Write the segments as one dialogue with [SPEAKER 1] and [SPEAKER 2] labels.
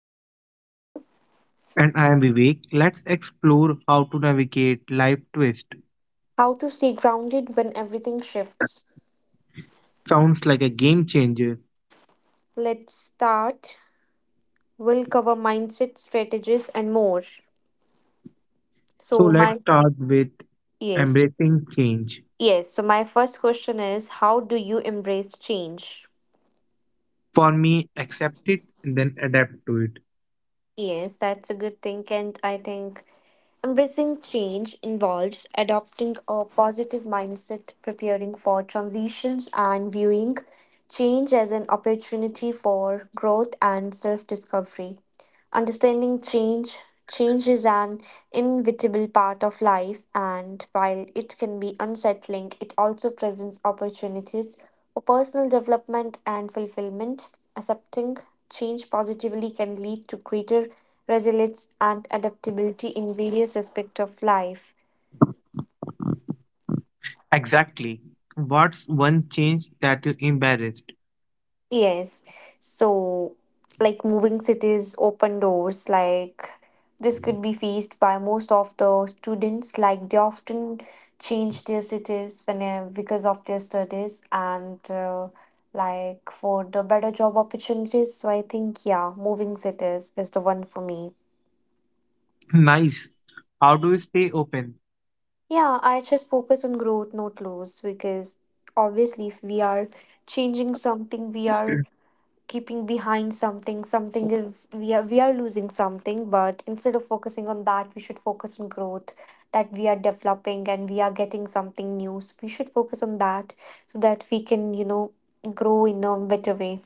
[SPEAKER 1] name is Ananya.
[SPEAKER 2] And I am Vivek. Let's explore how to navigate life twist.
[SPEAKER 1] How to stay grounded when everything shifts.
[SPEAKER 2] Sounds like a game changer.
[SPEAKER 1] Let's start. We'll cover mindset strategies and more.
[SPEAKER 2] So
[SPEAKER 1] So,
[SPEAKER 2] let's
[SPEAKER 1] my
[SPEAKER 2] start with
[SPEAKER 1] yes,
[SPEAKER 2] embracing change.
[SPEAKER 1] yes. So, my first question is how do you embrace change?
[SPEAKER 2] For me, accept it and then adapt to it.
[SPEAKER 1] Yes, that's a good thing, and I think embracing change involves adopting a positive mindset, preparing for transitions, and viewing change as an opportunity for growth and self discovery. Understanding change. Change is an inevitable part of life, and while it can be unsettling, it also presents opportunities for personal development and fulfillment. Accepting change positively can lead to greater resilience and adaptability in various aspects of life.
[SPEAKER 2] Exactly. What's one change that you embarrassed?
[SPEAKER 1] Yes. So, like moving cities, open doors, like this could be faced by most of the students. Like they often change their cities because of their studies and like for the better job opportunities. So I think yeah, moving cities is the one for me.
[SPEAKER 2] Nice. How do you stay open?
[SPEAKER 1] Yeah, I just focus on growth, not loss, because obviously if we are changing something, we are keeping behind something, something is we are losing something, but instead of focusing on that we should focus on growth that we are developing and we are getting something new, so we should focus on that so that we can, you know, grow in a better way.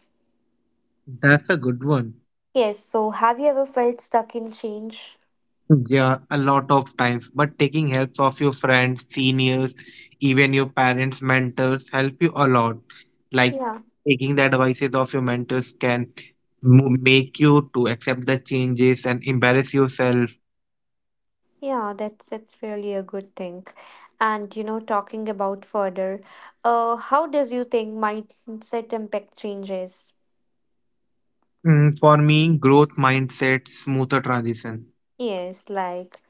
[SPEAKER 2] That's a good one.
[SPEAKER 1] Yes, so have you ever felt stuck in change?
[SPEAKER 2] Yeah, a lot of times. But taking help of your friends, seniors, even your parents, mentors help you a lot. Like
[SPEAKER 1] Yeah.
[SPEAKER 2] taking the advices of your mentors can make you to accept the changes and embarrass yourself.
[SPEAKER 1] Yeah, that's really a good thing. And you know, talking about further, how does you think mindset impact changes?
[SPEAKER 2] Mm, for me, growth mindset, smoother transition.
[SPEAKER 1] Yes, like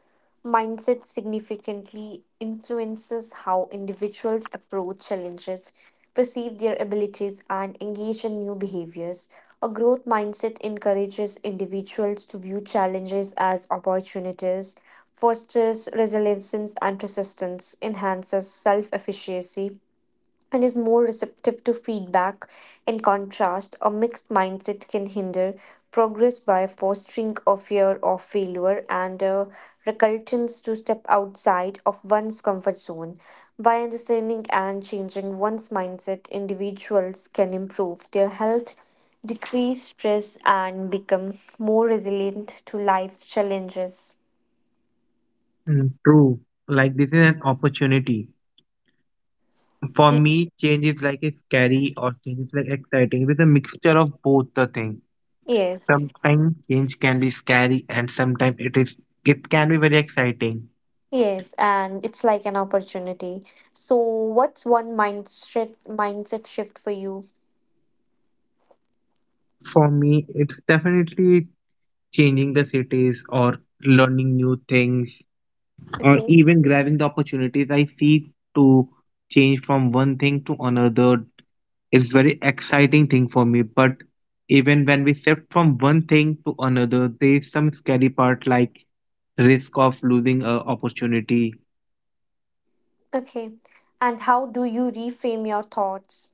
[SPEAKER 1] mindset significantly influences how individuals approach challenges, perceive their abilities, and engage in new behaviors. A growth mindset encourages individuals to view challenges as opportunities, fosters resilience and persistence, enhances self efficacy and is more receptive to feedback. In contrast, a mixed mindset can hinder progress by fostering a fear of failure and a reluctance to step outside of one's comfort zone. By understanding and changing one's mindset, individuals can improve their health, decrease stress, and become more resilient to life's challenges.
[SPEAKER 2] Mm, true. Like this is an opportunity. For
[SPEAKER 1] Y-
[SPEAKER 2] me, change is like a scary or change is like exciting. It is a mixture of both the things.
[SPEAKER 1] Yes.
[SPEAKER 2] Sometimes change can be scary and sometimes it is it can be very exciting.
[SPEAKER 1] Yes, and it's like an opportunity. So, what's one mindset shift for you?
[SPEAKER 2] For me, it's definitely changing the cities or learning new things or
[SPEAKER 1] Okay.
[SPEAKER 2] even grabbing the opportunities I see to change from one thing to another. It's very exciting thing for me, but even when we shift from one thing to another, there's some scary part like risk of losing a opportunity.
[SPEAKER 1] Okay. And how do you reframe your thoughts?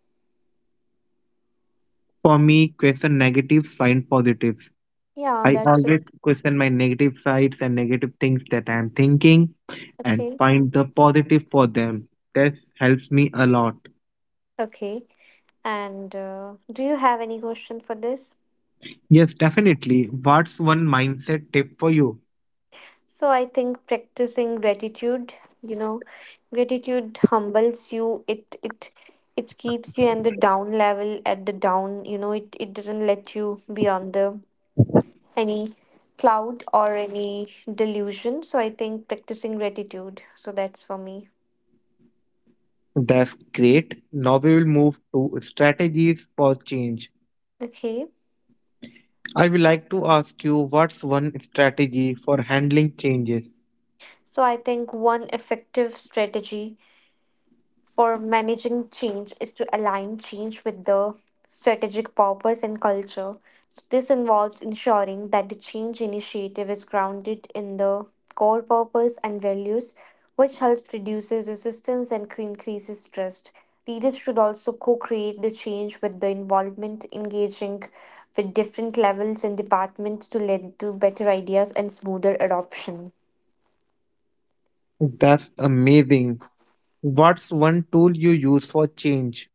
[SPEAKER 2] For me, question negatives, find positives.
[SPEAKER 1] Yeah,
[SPEAKER 2] I
[SPEAKER 1] that's a,
[SPEAKER 2] always question my negative sides and negative things that I'm thinking and
[SPEAKER 1] okay.
[SPEAKER 2] find the positive for them. This helps me a lot.
[SPEAKER 1] Okay. And do you have any question for this?
[SPEAKER 2] Yes, definitely. What's one mindset tip for you?
[SPEAKER 1] So, I think practicing gratitude, you know, gratitude humbles you. It keeps you on the down level at the down, you know, it doesn't let you be on the any cloud or any delusion. So I think practicing gratitude. So that's for me.
[SPEAKER 2] That's great. Now we will move to strategies for change.
[SPEAKER 1] Okay.
[SPEAKER 2] I would like to ask you, what's one strategy for handling changes?
[SPEAKER 1] So I think one effective strategy for managing change is to align change with the strategic purpose and culture. So this involves ensuring that the change initiative is grounded in the core purpose and values, which helps reduces resistance and increases trust. Leaders should also co-create the change with the involvement, engaging with different levels and departments to lead to better ideas and smoother adoption.
[SPEAKER 2] That's amazing. What's one tool you use for change?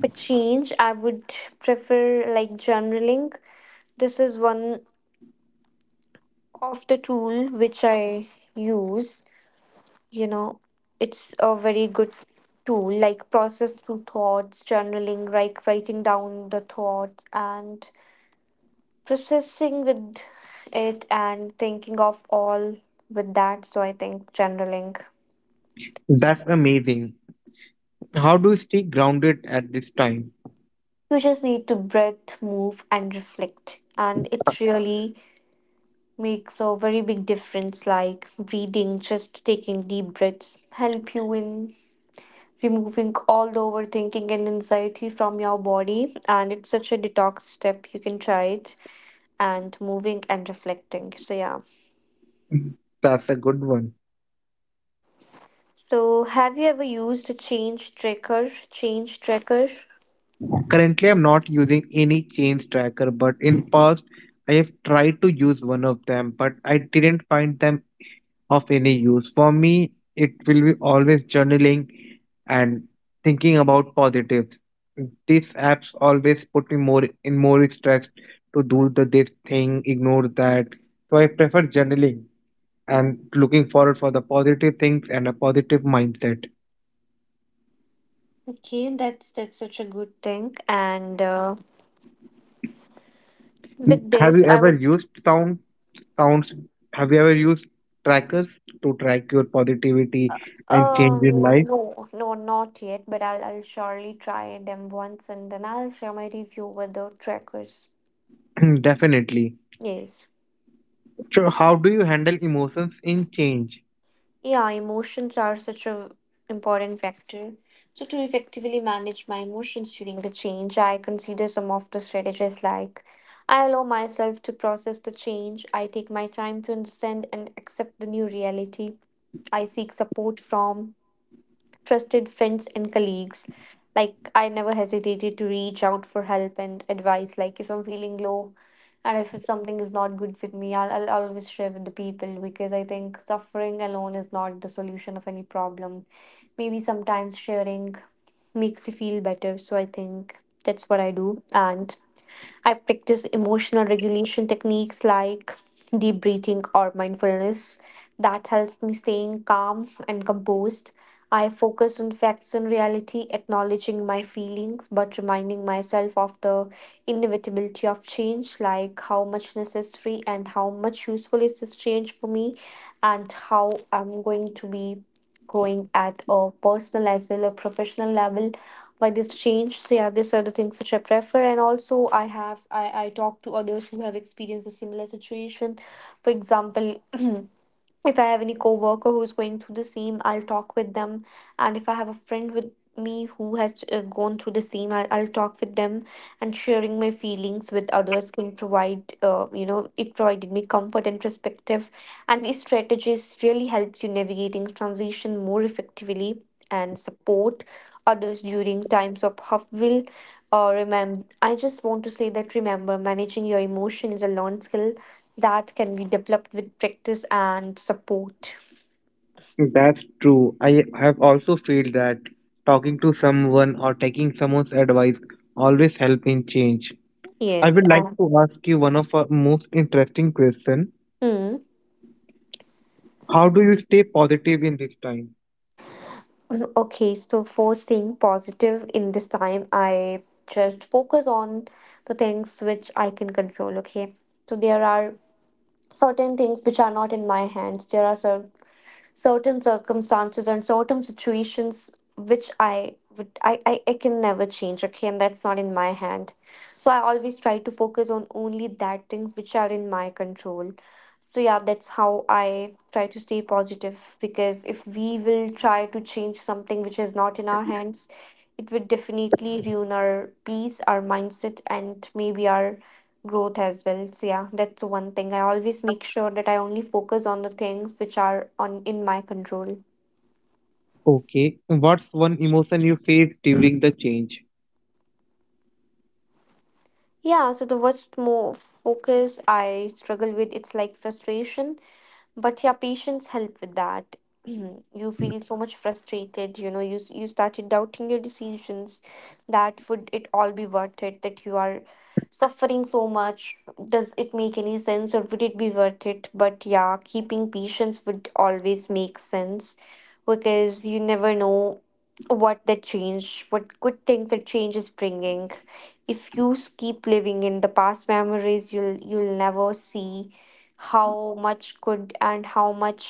[SPEAKER 1] For change, I would prefer like journaling. This is one of the tool which I use. You know, it's a very good tool like process through thoughts, journaling, like writing down the thoughts and processing with it and thinking of all with that. So I think journaling.
[SPEAKER 2] That's amazing. How do you stay grounded at this time?
[SPEAKER 1] You just need to breathe, move and reflect, and it really makes a very big difference. Like breathing, just taking deep breaths help you in removing all the overthinking and anxiety from your body, and it's such a detox step, you can try it, and moving and reflecting, so yeah.
[SPEAKER 2] That's a good one.
[SPEAKER 1] So have you ever used a change tracker?
[SPEAKER 2] Currently, I'm not using any change tracker, but in past, I have tried to use one of them, but I didn't find them of any use. For me, it will be always journaling and thinking about positives. These apps always put me more in more stress to do the this thing, ignore that. So I prefer journaling and looking forward for the positive things and a positive mindset.
[SPEAKER 1] Okay, that's such a good thing. and uh, with
[SPEAKER 2] Have
[SPEAKER 1] this
[SPEAKER 2] you
[SPEAKER 1] i
[SPEAKER 2] ever
[SPEAKER 1] would
[SPEAKER 2] used sound counts, have you ever used trackers to track your positivity and change in life?
[SPEAKER 1] No, no, not yet, but I'll surely try them once and then I'll share my review with the trackers.
[SPEAKER 2] Definitely.
[SPEAKER 1] Yes.
[SPEAKER 2] So how do you handle emotions in change?
[SPEAKER 1] Yeah, emotions are such a important factor. So to effectively manage my emotions during the change, I consider some of the strategies like I allow myself to process the change, I take my time to understand and accept the new reality. I seek support from trusted friends and colleagues. Like, I never hesitated to reach out for help and advice. Like, if I'm feeling low and if it's something is not good with me, I'll always share with the people, because I think suffering alone is not the solution of any problem. Maybe sometimes sharing makes you feel better. So, I think that's what I do. And I practice emotional regulation techniques like deep breathing or mindfulness that helps me staying calm and composed. I focus on facts and reality, acknowledging my feelings but reminding myself of the inevitability of change, like how much necessary and how much useful is this change for me, and how I'm going to be growing at a personal as well as professional level by this change. So yeah, these are the things which I prefer. And also, I have I talk to others who have experienced a similar situation. For example, if I have any coworker who's going through the same, I'll talk with them. And if I have a friend with me who has gone through the same, I'll talk with them. And sharing my feelings with others can provide, you know, it provided me comfort and perspective. And these strategies really helps you navigating transition more effectively and support others during times of upheaval. Remember, I just want to say that, remember, managing your emotion is a learned skill that can be developed with practice and support.
[SPEAKER 2] That's true, I have also felt that talking to someone or taking someone's advice always help in change. I
[SPEAKER 1] Yes,
[SPEAKER 2] would like
[SPEAKER 1] and.
[SPEAKER 2] to ask you one of our most interesting question.
[SPEAKER 1] Mm.
[SPEAKER 2] How do you stay positive in this time?
[SPEAKER 1] Mm, okay, so for staying positive in this time, I just focus on the things which I can control. Okay, so there are certain things which are not in my hands. There are certain circumstances and certain situations which I I can never change. Okay, and that's not in my hand. So I always try to focus on only that things which are in my control. So yeah, that's how I try to stay positive, because if we will try to change something which is not in our hands, it would definitely ruin our peace, our mindset, and maybe our growth as well. So yeah, that's the one thing. I always make sure that I only focus on the things which are on in my control.
[SPEAKER 2] Okay, what's one emotion you face during the change?
[SPEAKER 1] Yeah, so the worst more focus I struggle with, it's like frustration, but yeah, patience help with that. You feel so much frustrated, you know, you started doubting your decisions, that would it all be worth it, that you are suffering so much. Does it make any sense or would it be worth it? But yeah, keeping patience would always make sense, because you never know what the change, what good things the change is bringing. If keep living in the past memories, you'll never see how much good and how much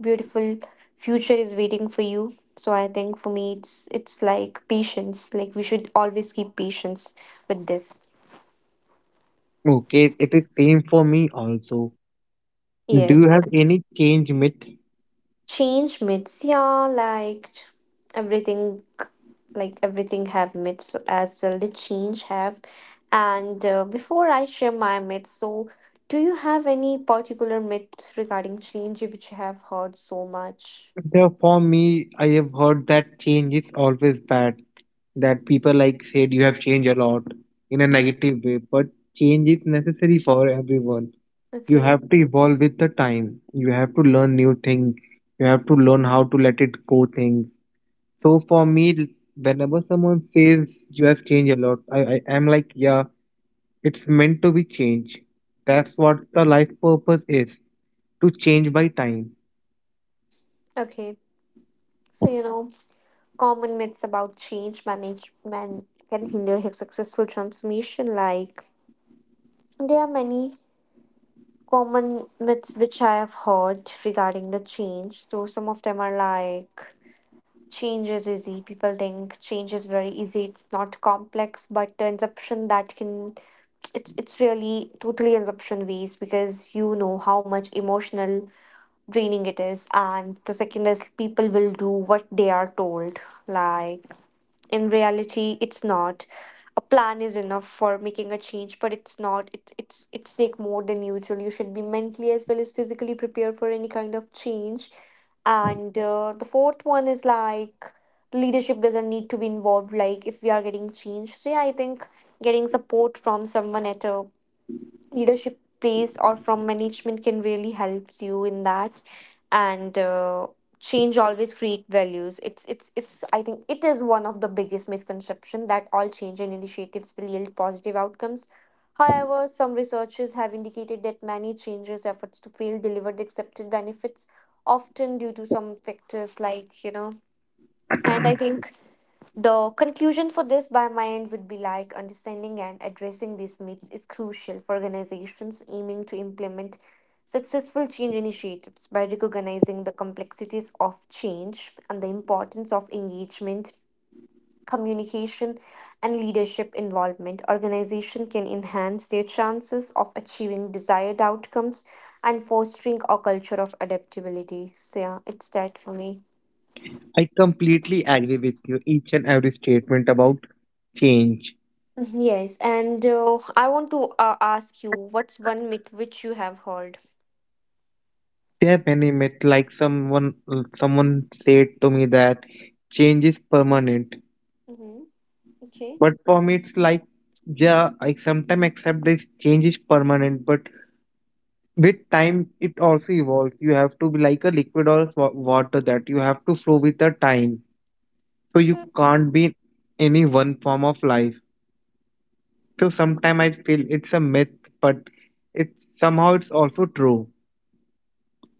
[SPEAKER 1] beautiful future is waiting for you. So I think for me, it's like patience. Like we should always keep patience with this.
[SPEAKER 2] Okay, it is same for me also. Do
[SPEAKER 1] Yes.
[SPEAKER 2] you have any change myth?
[SPEAKER 1] Change myths, yeah, everything, like everything have myths so as well. The change have, and before I share my myths, so do you have any particular myths regarding change which you have heard so much?
[SPEAKER 2] There for me, I have heard that change is always bad. That people like said you have changed a lot in a negative way, but change is necessary for everyone. You
[SPEAKER 1] Okay,
[SPEAKER 2] have to evolve with the time. You have to learn new things. You have to learn how to let it go things. So for me, whenever someone says you have changed a lot, I am like, yeah, it's meant to be changed. That's what the life purpose is, to change by time.
[SPEAKER 1] okay. So you know, common myths about change management can hinder his successful transformation. Like there are many common myths which I have heard regarding the change. So some of them are like change is easy. People think change is very easy. It's not complex, but the inception that can, it's really totally inception based, because you know how much emotional draining it is. And the second is, people will do what they are told. Like in reality it's not, a plan is enough for making a change, but it's not, it's take more than usual. You should be mentally as well as physically prepared for any kind of change. And the fourth one is like, leadership doesn't need to be involved, like if we are getting changed. So yeah, I think getting support from someone at a leadership plays or from management can really helps you in that. And change always create values. It's it's it's i think it is one of the biggest misconception that all change and initiatives will yield positive outcomes. However, some researchers have indicated that many changes efforts to fail deliver the accepted benefits, often due to some factors like, you know. And I think the conclusion for this by my end would be like, understanding and addressing these myths is crucial for organizations aiming to implement successful change initiatives. By recognizing the complexities of change and the importance of engagement, communication, and leadership involvement, organizations can enhance their chances of achieving desired outcomes and fostering a culture of adaptability. So, yeah, it's that for me.
[SPEAKER 2] I completely agree with you. Each and every statement about change.
[SPEAKER 1] Mhm, yes, and I want to ask you, what's one myth which you have heard?
[SPEAKER 2] There are many myths. Like someone, someone said to me that change is permanent.
[SPEAKER 1] Mm-hmm. Okay.
[SPEAKER 2] But for me, it's like, yeah. I sometimes accept this change is permanent, but with time, it also evolves. You have to be like a liquid or water, that you have to flow with the time. So you
[SPEAKER 1] Mm.
[SPEAKER 2] can't be any one form of life. So sometimes I feel it's a myth, but it's somehow it's also true.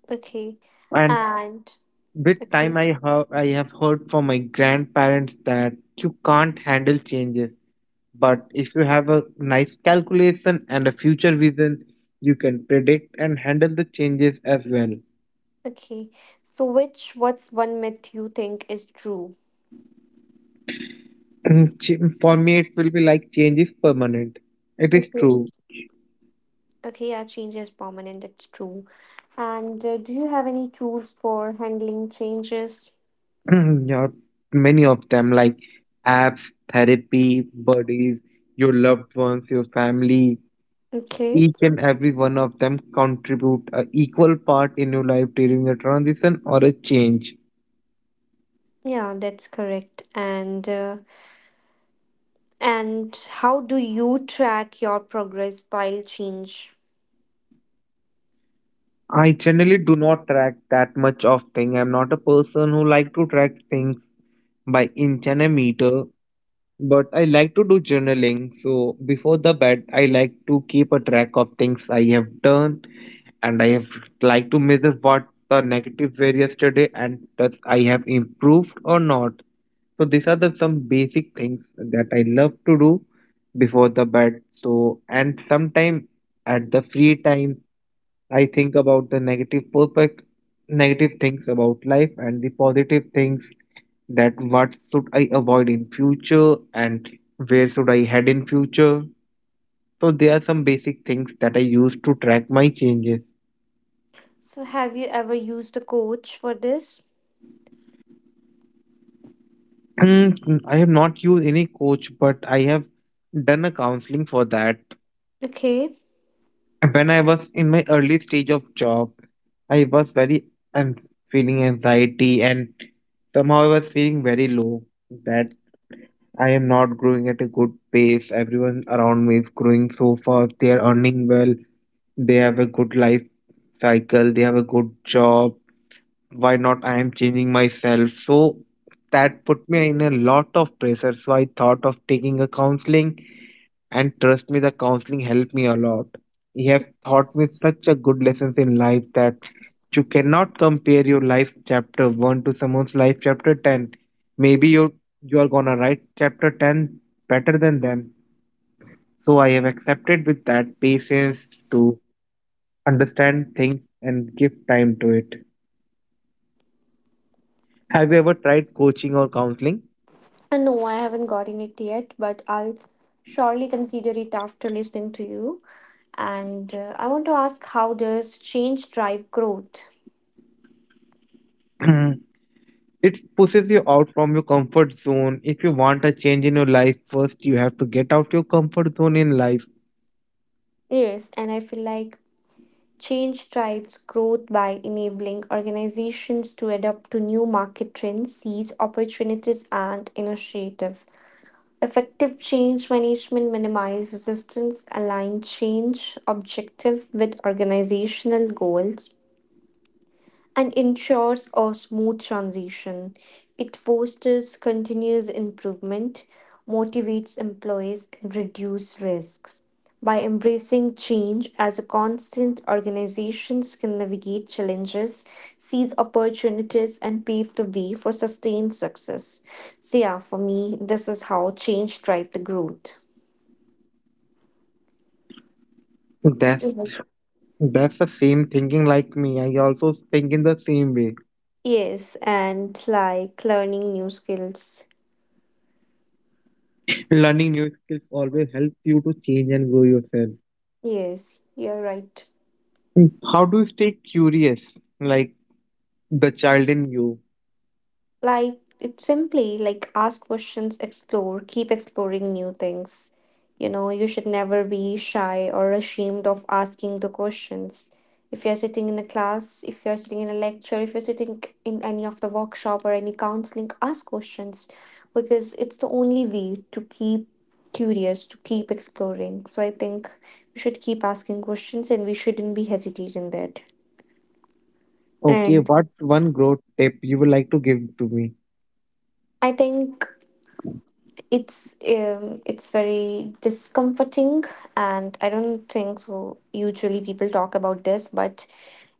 [SPEAKER 1] Okay.
[SPEAKER 2] And
[SPEAKER 1] And
[SPEAKER 2] with
[SPEAKER 1] okay.
[SPEAKER 2] time, I have heard from my grandparents that you can't handle changes. But if you have a nice calculation and a future vision, you can predict and handle the changes as well.
[SPEAKER 1] Okay. So which what's one myth you think is true?
[SPEAKER 2] For me, it will be like change is permanent, it is
[SPEAKER 1] Okay.
[SPEAKER 2] true.
[SPEAKER 1] Okay, yeah, change is permanent, it's true. And do you have any tools for handling changes?
[SPEAKER 2] Yeah, many of them, like apps, therapy buddies, your loved ones, your family.
[SPEAKER 1] Okay.
[SPEAKER 2] Each and every one of them contribute a equal part in your life during a transition or a change.
[SPEAKER 1] Yeah, that's correct. And how do you track your progress while change?
[SPEAKER 2] I generally do not track that much of thing. I'm not a person who like to track things by inch and a meter, but I like to do journaling. So before the bed, I like to keep a track of things I have done and I have like to measure what the negative were yesterday and that I have improved or not. So these are the some basic things that I love to do before the bed. So and sometime at the free time, I think about the negative perfect negative things about life and the positive things, that what should I avoid in future and where should I head in future. So there are some basic things that I use to track my changes.
[SPEAKER 1] So, have you ever used a coach for this?
[SPEAKER 2] Mm, I have not used any coach, but I have done a counseling for that.
[SPEAKER 1] Okay.
[SPEAKER 2] When I was in my early stage of job, I was very and feeling anxiety and somehow I was feeling very low that I am not growing at a good pace. Everyone around me is growing so fast. They are earning well. They have a good life cycle. They have a good job, why not I am changing myself? So that put me in a lot of pressure, so I thought of taking a counseling, and trust me, the counseling helped me a lot. He have taught me such a good lessons in life that you cannot compare your life chapter 1 to someone's life chapter 10. Maybe you are gonna write chapter 10 better than them. So I have accepted with that patience, to understand things and give time to it. Have you ever tried coaching or counseling?
[SPEAKER 1] And no, I haven't gotten it yet, but I'll surely consider it after listening to you. And I want to ask, how does change drive growth?
[SPEAKER 2] It pushes you out from your comfort zone. If you want a change in your life, first you have to get out your comfort zone in life.
[SPEAKER 1] Yes, and I feel like change drives growth by enabling organizations to adapt to new market trends, seize opportunities, and initiative. Effective change management minimizes resistance, align change objective with organizational goals, and ensures a smooth transition. It fosters continuous improvement, motivates employees, and reduces risks. By embracing change as a constant, organizations can navigate challenges, seize opportunities, and pave the way for sustained success. So, yeah, for me, this is how change drives the growth.
[SPEAKER 2] That's
[SPEAKER 1] Mhm.
[SPEAKER 2] that's the same thinking like me. I also think in the same way.
[SPEAKER 1] Yes, and like learning new skills.
[SPEAKER 2] Learning new skills always helps you to change and grow yourself.
[SPEAKER 1] Yes, you're right.
[SPEAKER 2] Mm, how do you stay curious, like the child in you?
[SPEAKER 1] Like, it's simply like ask questions, explore, keep exploring new things. You know, you should never be shy or ashamed of asking the questions. If you're sitting in a class, if you're sitting in a lecture, if you're sitting in any of the workshop or any counseling, ask questions because it's the only way to keep curious, to keep exploring. So I think we should keep asking questions and we shouldn't be hesitant in that.
[SPEAKER 2] Okay,
[SPEAKER 1] And
[SPEAKER 2] what's one growth tip you would like to give to me?
[SPEAKER 1] I think it's very discomforting, and I don't think so usually people talk about this, but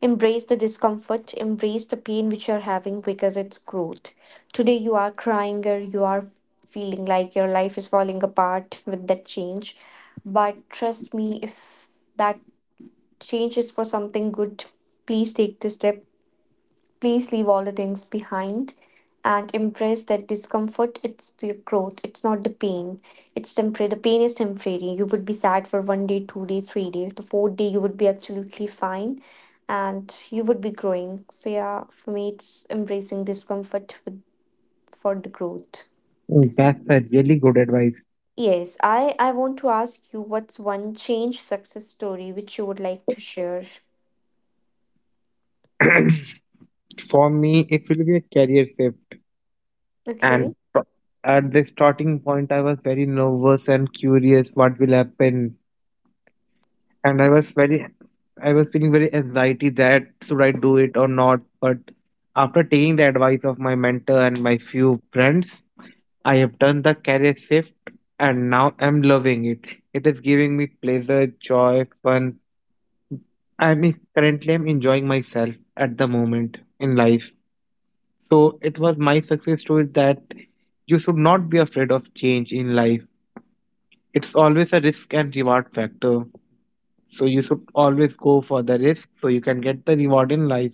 [SPEAKER 1] embrace the discomfort, embrace the pain which you're having because it's growth. Today you are crying or you are feeling like your life is falling apart with that change, but trust me, if that change is for something good, please take the step. Please leave all the things behind and embrace that discomfort. It's your growth, it's not the pain. It's temporary. The pain is temporary. You would be sad for 1 day, 2 day, 3 days. The 4th day, you would be absolutely fine and you would be growing. So, yeah, for me, it's embracing discomfort with, for the growth.
[SPEAKER 2] Mm, that's a really good advice.
[SPEAKER 1] Yes, I want to ask you, what's one change success story which you would like to share?
[SPEAKER 2] For me, it will be a career shift.
[SPEAKER 1] Okay.
[SPEAKER 2] And at the starting point, I was very nervous and curious what will happen. And I was very, I was feeling very anxiety that should I do it or not. But after taking the advice of my mentor and my few friends, I have done the career shift and now I'm loving it. It is giving me pleasure, joy, fun. I mean, currently I'm enjoying myself at the moment in life. So it was my success story, that you should not be afraid of change in life. It's always a risk and reward factor. So you should always go for the risk so you can get the reward in life.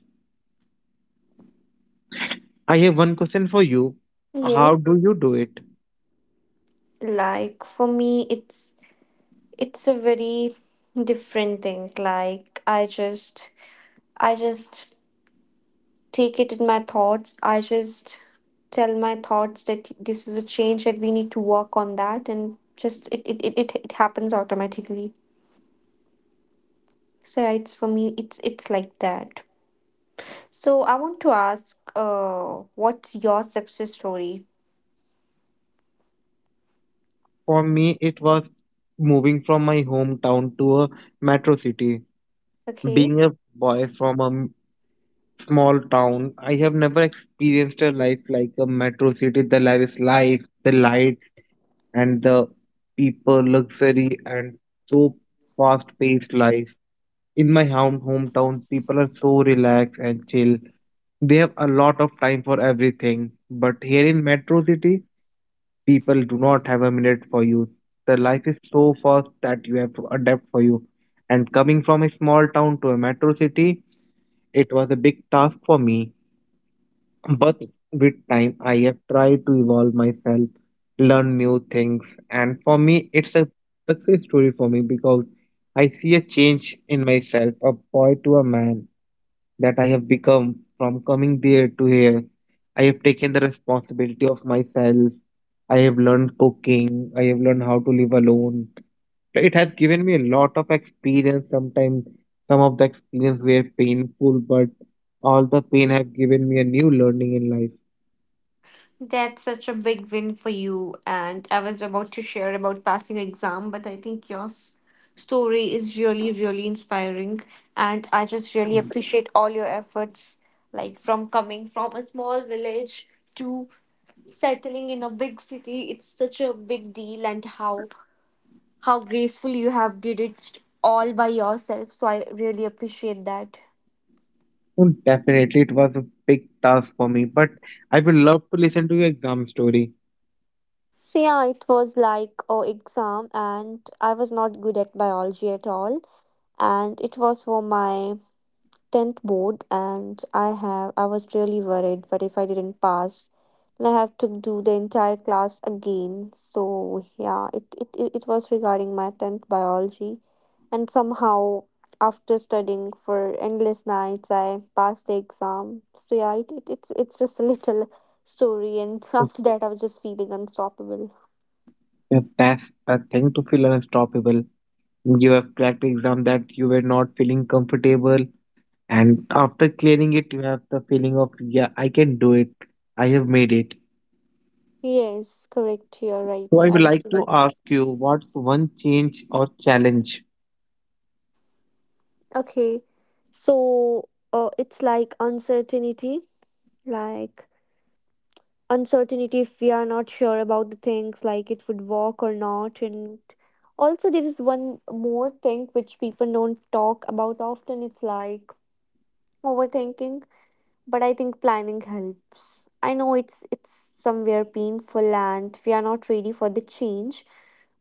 [SPEAKER 2] I have one question for you. How
[SPEAKER 1] Yes.
[SPEAKER 2] do you do it?
[SPEAKER 1] Like for me, it's a very different thing. Like I just take it in my thoughts, I just tell my thoughts that this is a change that we need to work on that, and just it happens automatically. So yeah, it's for me, it's like that. So I want to ask, what's your success story?
[SPEAKER 2] For me, it was moving from my hometown to a metro city.
[SPEAKER 1] Okay.
[SPEAKER 2] Being a boy from a small town, I have never experienced a life like a metro city. The life is life, the light, and the people, luxury, and so fast paced life. In my hometown, people are so relaxed and chill. They have a lot of time for everything. But here in metro city, people do not have a minute for you. The life is so fast that you have to adapt for you. And coming from a small town to a metro city, it was a big task for me. But with time, I have tried to evolve myself, learn new things. And for me, it's a success story for me because I see a change in myself, a boy to a man, that I have become from coming there to here. I have taken the responsibility of myself. I have learned cooking. I have learned how to live alone. It has given me a lot of experience. Sometimes some of the experience were painful, but all the pain have given me a new learning in life.
[SPEAKER 1] That's such a big win for you. And I was about to share about passing exam, but I think your story is really, really inspiring. And I just really appreciate all your efforts, like from coming from a small village to settling in a big city. It's such a big deal, and how graceful you have did it all by yourself. So I really appreciate that.
[SPEAKER 2] So definitely, it was a big task for me. But I would love to listen to your exam story.
[SPEAKER 1] So yeah, it was like a exam, and I was not good at biology at all. And it was for my tenth board, and I was really worried. But if I didn't pass, then I have to do the entire class again. So yeah, it was regarding my tenth biology, and somehow after studying for endless nights, I passed the exam. So yeah, it's just a little story, and after that, I was just feeling unstoppable.
[SPEAKER 2] Yeah, that's a thing to feel unstoppable. You have cracked exam that you were not feeling comfortable, and after clearing it, you have the feeling of, yeah, I can do it. I have made it.
[SPEAKER 1] Yes, correct. You're
[SPEAKER 2] So
[SPEAKER 1] right.
[SPEAKER 2] I
[SPEAKER 1] I
[SPEAKER 2] would
[SPEAKER 1] was
[SPEAKER 2] like to
[SPEAKER 1] right.
[SPEAKER 2] ask you, what's one change or challenge?
[SPEAKER 1] Okay. So it's like uncertainty if we are not sure about the things, like it would work or not. And also, there is one more thing which people don't talk about often. It's like overthinking, but I think planning helps. I know it's somewhere painful and we are not ready for the change,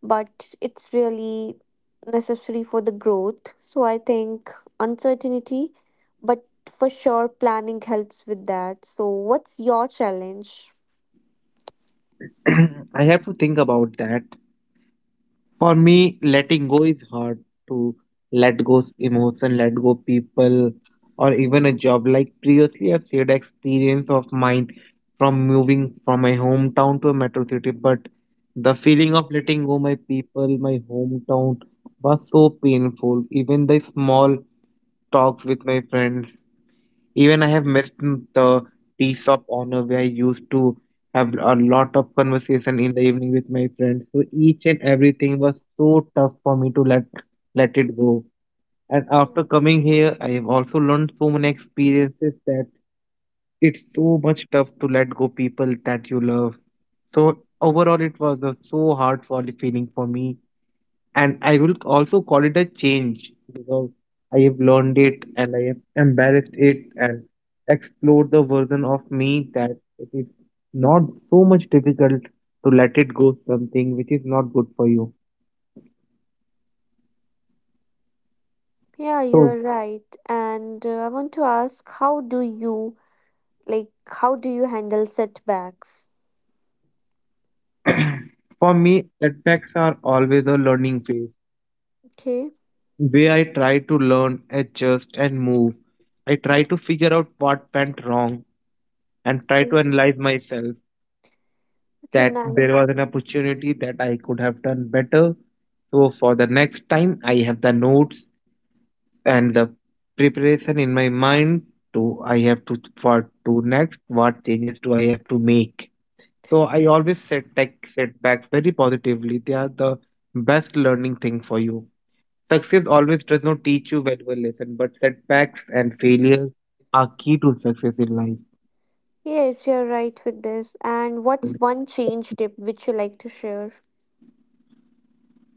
[SPEAKER 1] but it's really necessary for the growth. So I think uncertainty, but for sure planning helps with that. So what's your challenge?
[SPEAKER 2] I have to think about that. For me, letting go is hard, to let go emotion, let go people, or even a job. Like previously, I've shared experience of mine from moving from my hometown to a metro city, but the feeling of letting go my people, my hometown was so painful. Even the small talks with my friends even I have missed the tea shop honor where I used to have a lot of conversation in the evening with my friends. So each and everything was so tough for me to let it go. And after
[SPEAKER 1] Mm.
[SPEAKER 2] coming here, I have also learned so many experiences that it's so much tough to let go people that you love. So overall, it was a so hard for feeling for me and I will also call it a change because I have learned it and I have embarrassed it and explored the version of me that it is not so much difficult to let it go something which is not good for you.
[SPEAKER 1] Yeah,
[SPEAKER 2] So
[SPEAKER 1] you're right. And I want to ask how do you, like how do you handle setbacks?
[SPEAKER 2] for me, setbacks are always a learning phase
[SPEAKER 1] Okay.
[SPEAKER 2] where I try to learn, adjust, and move. I try to figure out what went wrong and try to
[SPEAKER 1] Okay,
[SPEAKER 2] analyze myself
[SPEAKER 1] okay,
[SPEAKER 2] that there
[SPEAKER 1] nice.
[SPEAKER 2] was an opportunity that I could have done better. So for the next time, I have the notes and the preparation in my mind to I have to for to next what changes do I have to make. So I always set tech setbacks very positively. They are the best learning thing for you. Success always does not teach you valuable lesson, but setbacks and failures are key to success in life.
[SPEAKER 1] Yes, you're right with this. And what's one change tip which you like to share?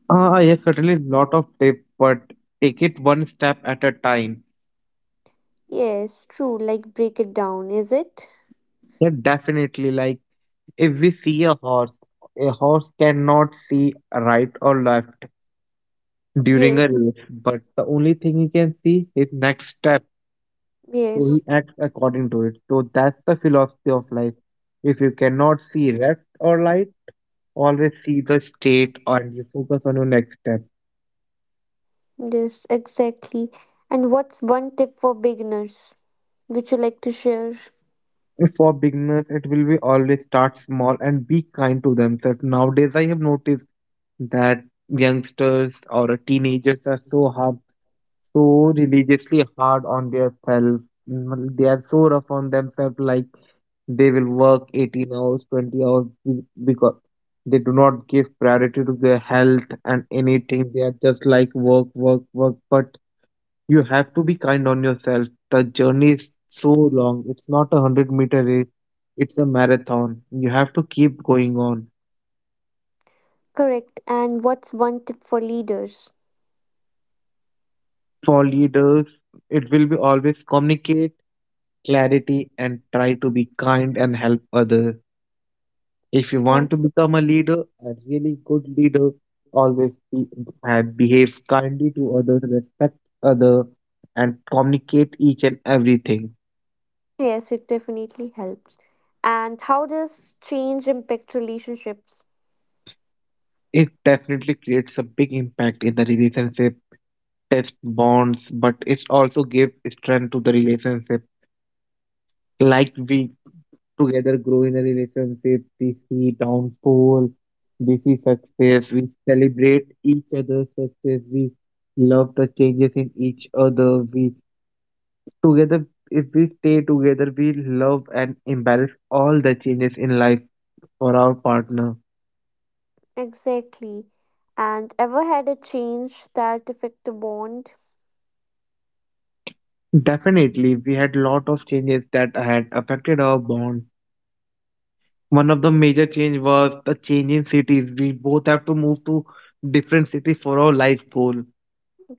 [SPEAKER 2] Yes, certainly lot of tips, but take it one step at a time.
[SPEAKER 1] Yes, true. Like break it down, is it?
[SPEAKER 2] Yeah, definitely. Like, if we see a horse cannot see right or left during a
[SPEAKER 1] Yes.
[SPEAKER 2] race, but the only thing he can see is next step. So he
[SPEAKER 1] Yes.
[SPEAKER 2] acts according to it. So that's the philosophy of life. If you cannot see left or right, always see the state and you focus on your next step.
[SPEAKER 1] Yes, exactly. And what's one tip for beginners which you like to share?
[SPEAKER 2] For beginners, it will be always start small and be kind to themselves. Nowadays, I have noticed that youngsters or teenagers are so hard so religiously hard on their self. Mm, They are so rough on themselves, like they will work 18 hours, 20 hours because they do not give priority to their health and anything. They are just like work, work, work. But you have to be kind on yourself. The journey is so long. It's not a 100-meter race, it's a marathon. You have to keep going on.
[SPEAKER 1] Correct. And what's one tip for leaders?
[SPEAKER 2] For leaders, it will be always communicate clarity and try to be kind and help others. If you
[SPEAKER 1] Yeah.
[SPEAKER 2] want to become a leader, a really good leader, always be, and behave kindly to others, respect others, and communicate each and everything.
[SPEAKER 1] Yes, it definitely helps. And how does change impact relationships?
[SPEAKER 2] It definitely creates a big impact in the relationship, test bonds, but it also gives strength to the relationship. Like we together grow in a relationship. We see downfall, we see success, we celebrate each other's success, we love the changes in each other. We together, if we stay together, we love and embrace all the changes in life for our partner.
[SPEAKER 1] Exactly. And ever had a change that affect the bond?
[SPEAKER 2] Definitely, we had lot of changes that had affected our bond. One of the major change was the change in cities. We both have to move to different cities for our life goal,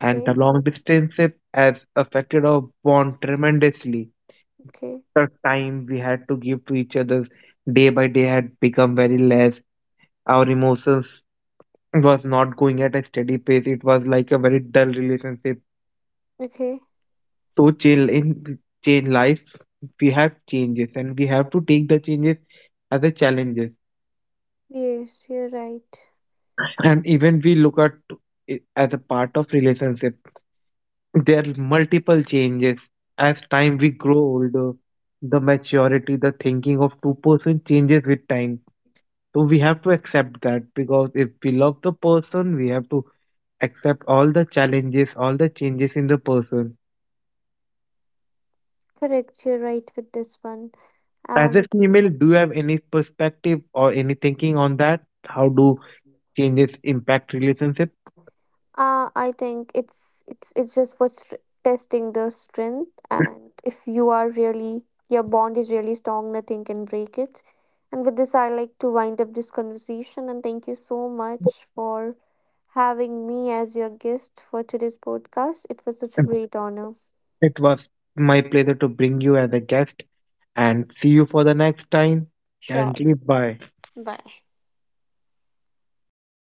[SPEAKER 2] and the long distances has affected our bond tremendously.
[SPEAKER 1] okay.
[SPEAKER 2] The time we had to give to each other day by day had become very less. Our emotions was not going at a steady pace. It was like a very dull relationship.
[SPEAKER 1] Okay.
[SPEAKER 2] So chill in change life, we have changes and we have to take the changes as a challenges.
[SPEAKER 1] Yes, you're right.
[SPEAKER 2] And even we look at it as a part of relationship. There are multiple changes. As time we grow older, the maturity, the thinking of two-person changes with time. So we have to accept that because if we love the person, we have to accept all the challenges, all the changes in the person.
[SPEAKER 1] Correct, you're right with this one.
[SPEAKER 2] As a
[SPEAKER 1] And
[SPEAKER 2] female, do you have any perspective or any thinking on that? How do changes impact relationship?
[SPEAKER 1] I think it's it's just for testing the strength, and if you are really, your bond is really strong, nothing can break it. And with this, I like to wind up this conversation and thank you so much for having me as your guest for today's podcast. It was such a great honor.
[SPEAKER 2] It was my pleasure to bring you as a guest and see you for the next time.
[SPEAKER 1] Sure.
[SPEAKER 2] Currently, bye.
[SPEAKER 1] Bye.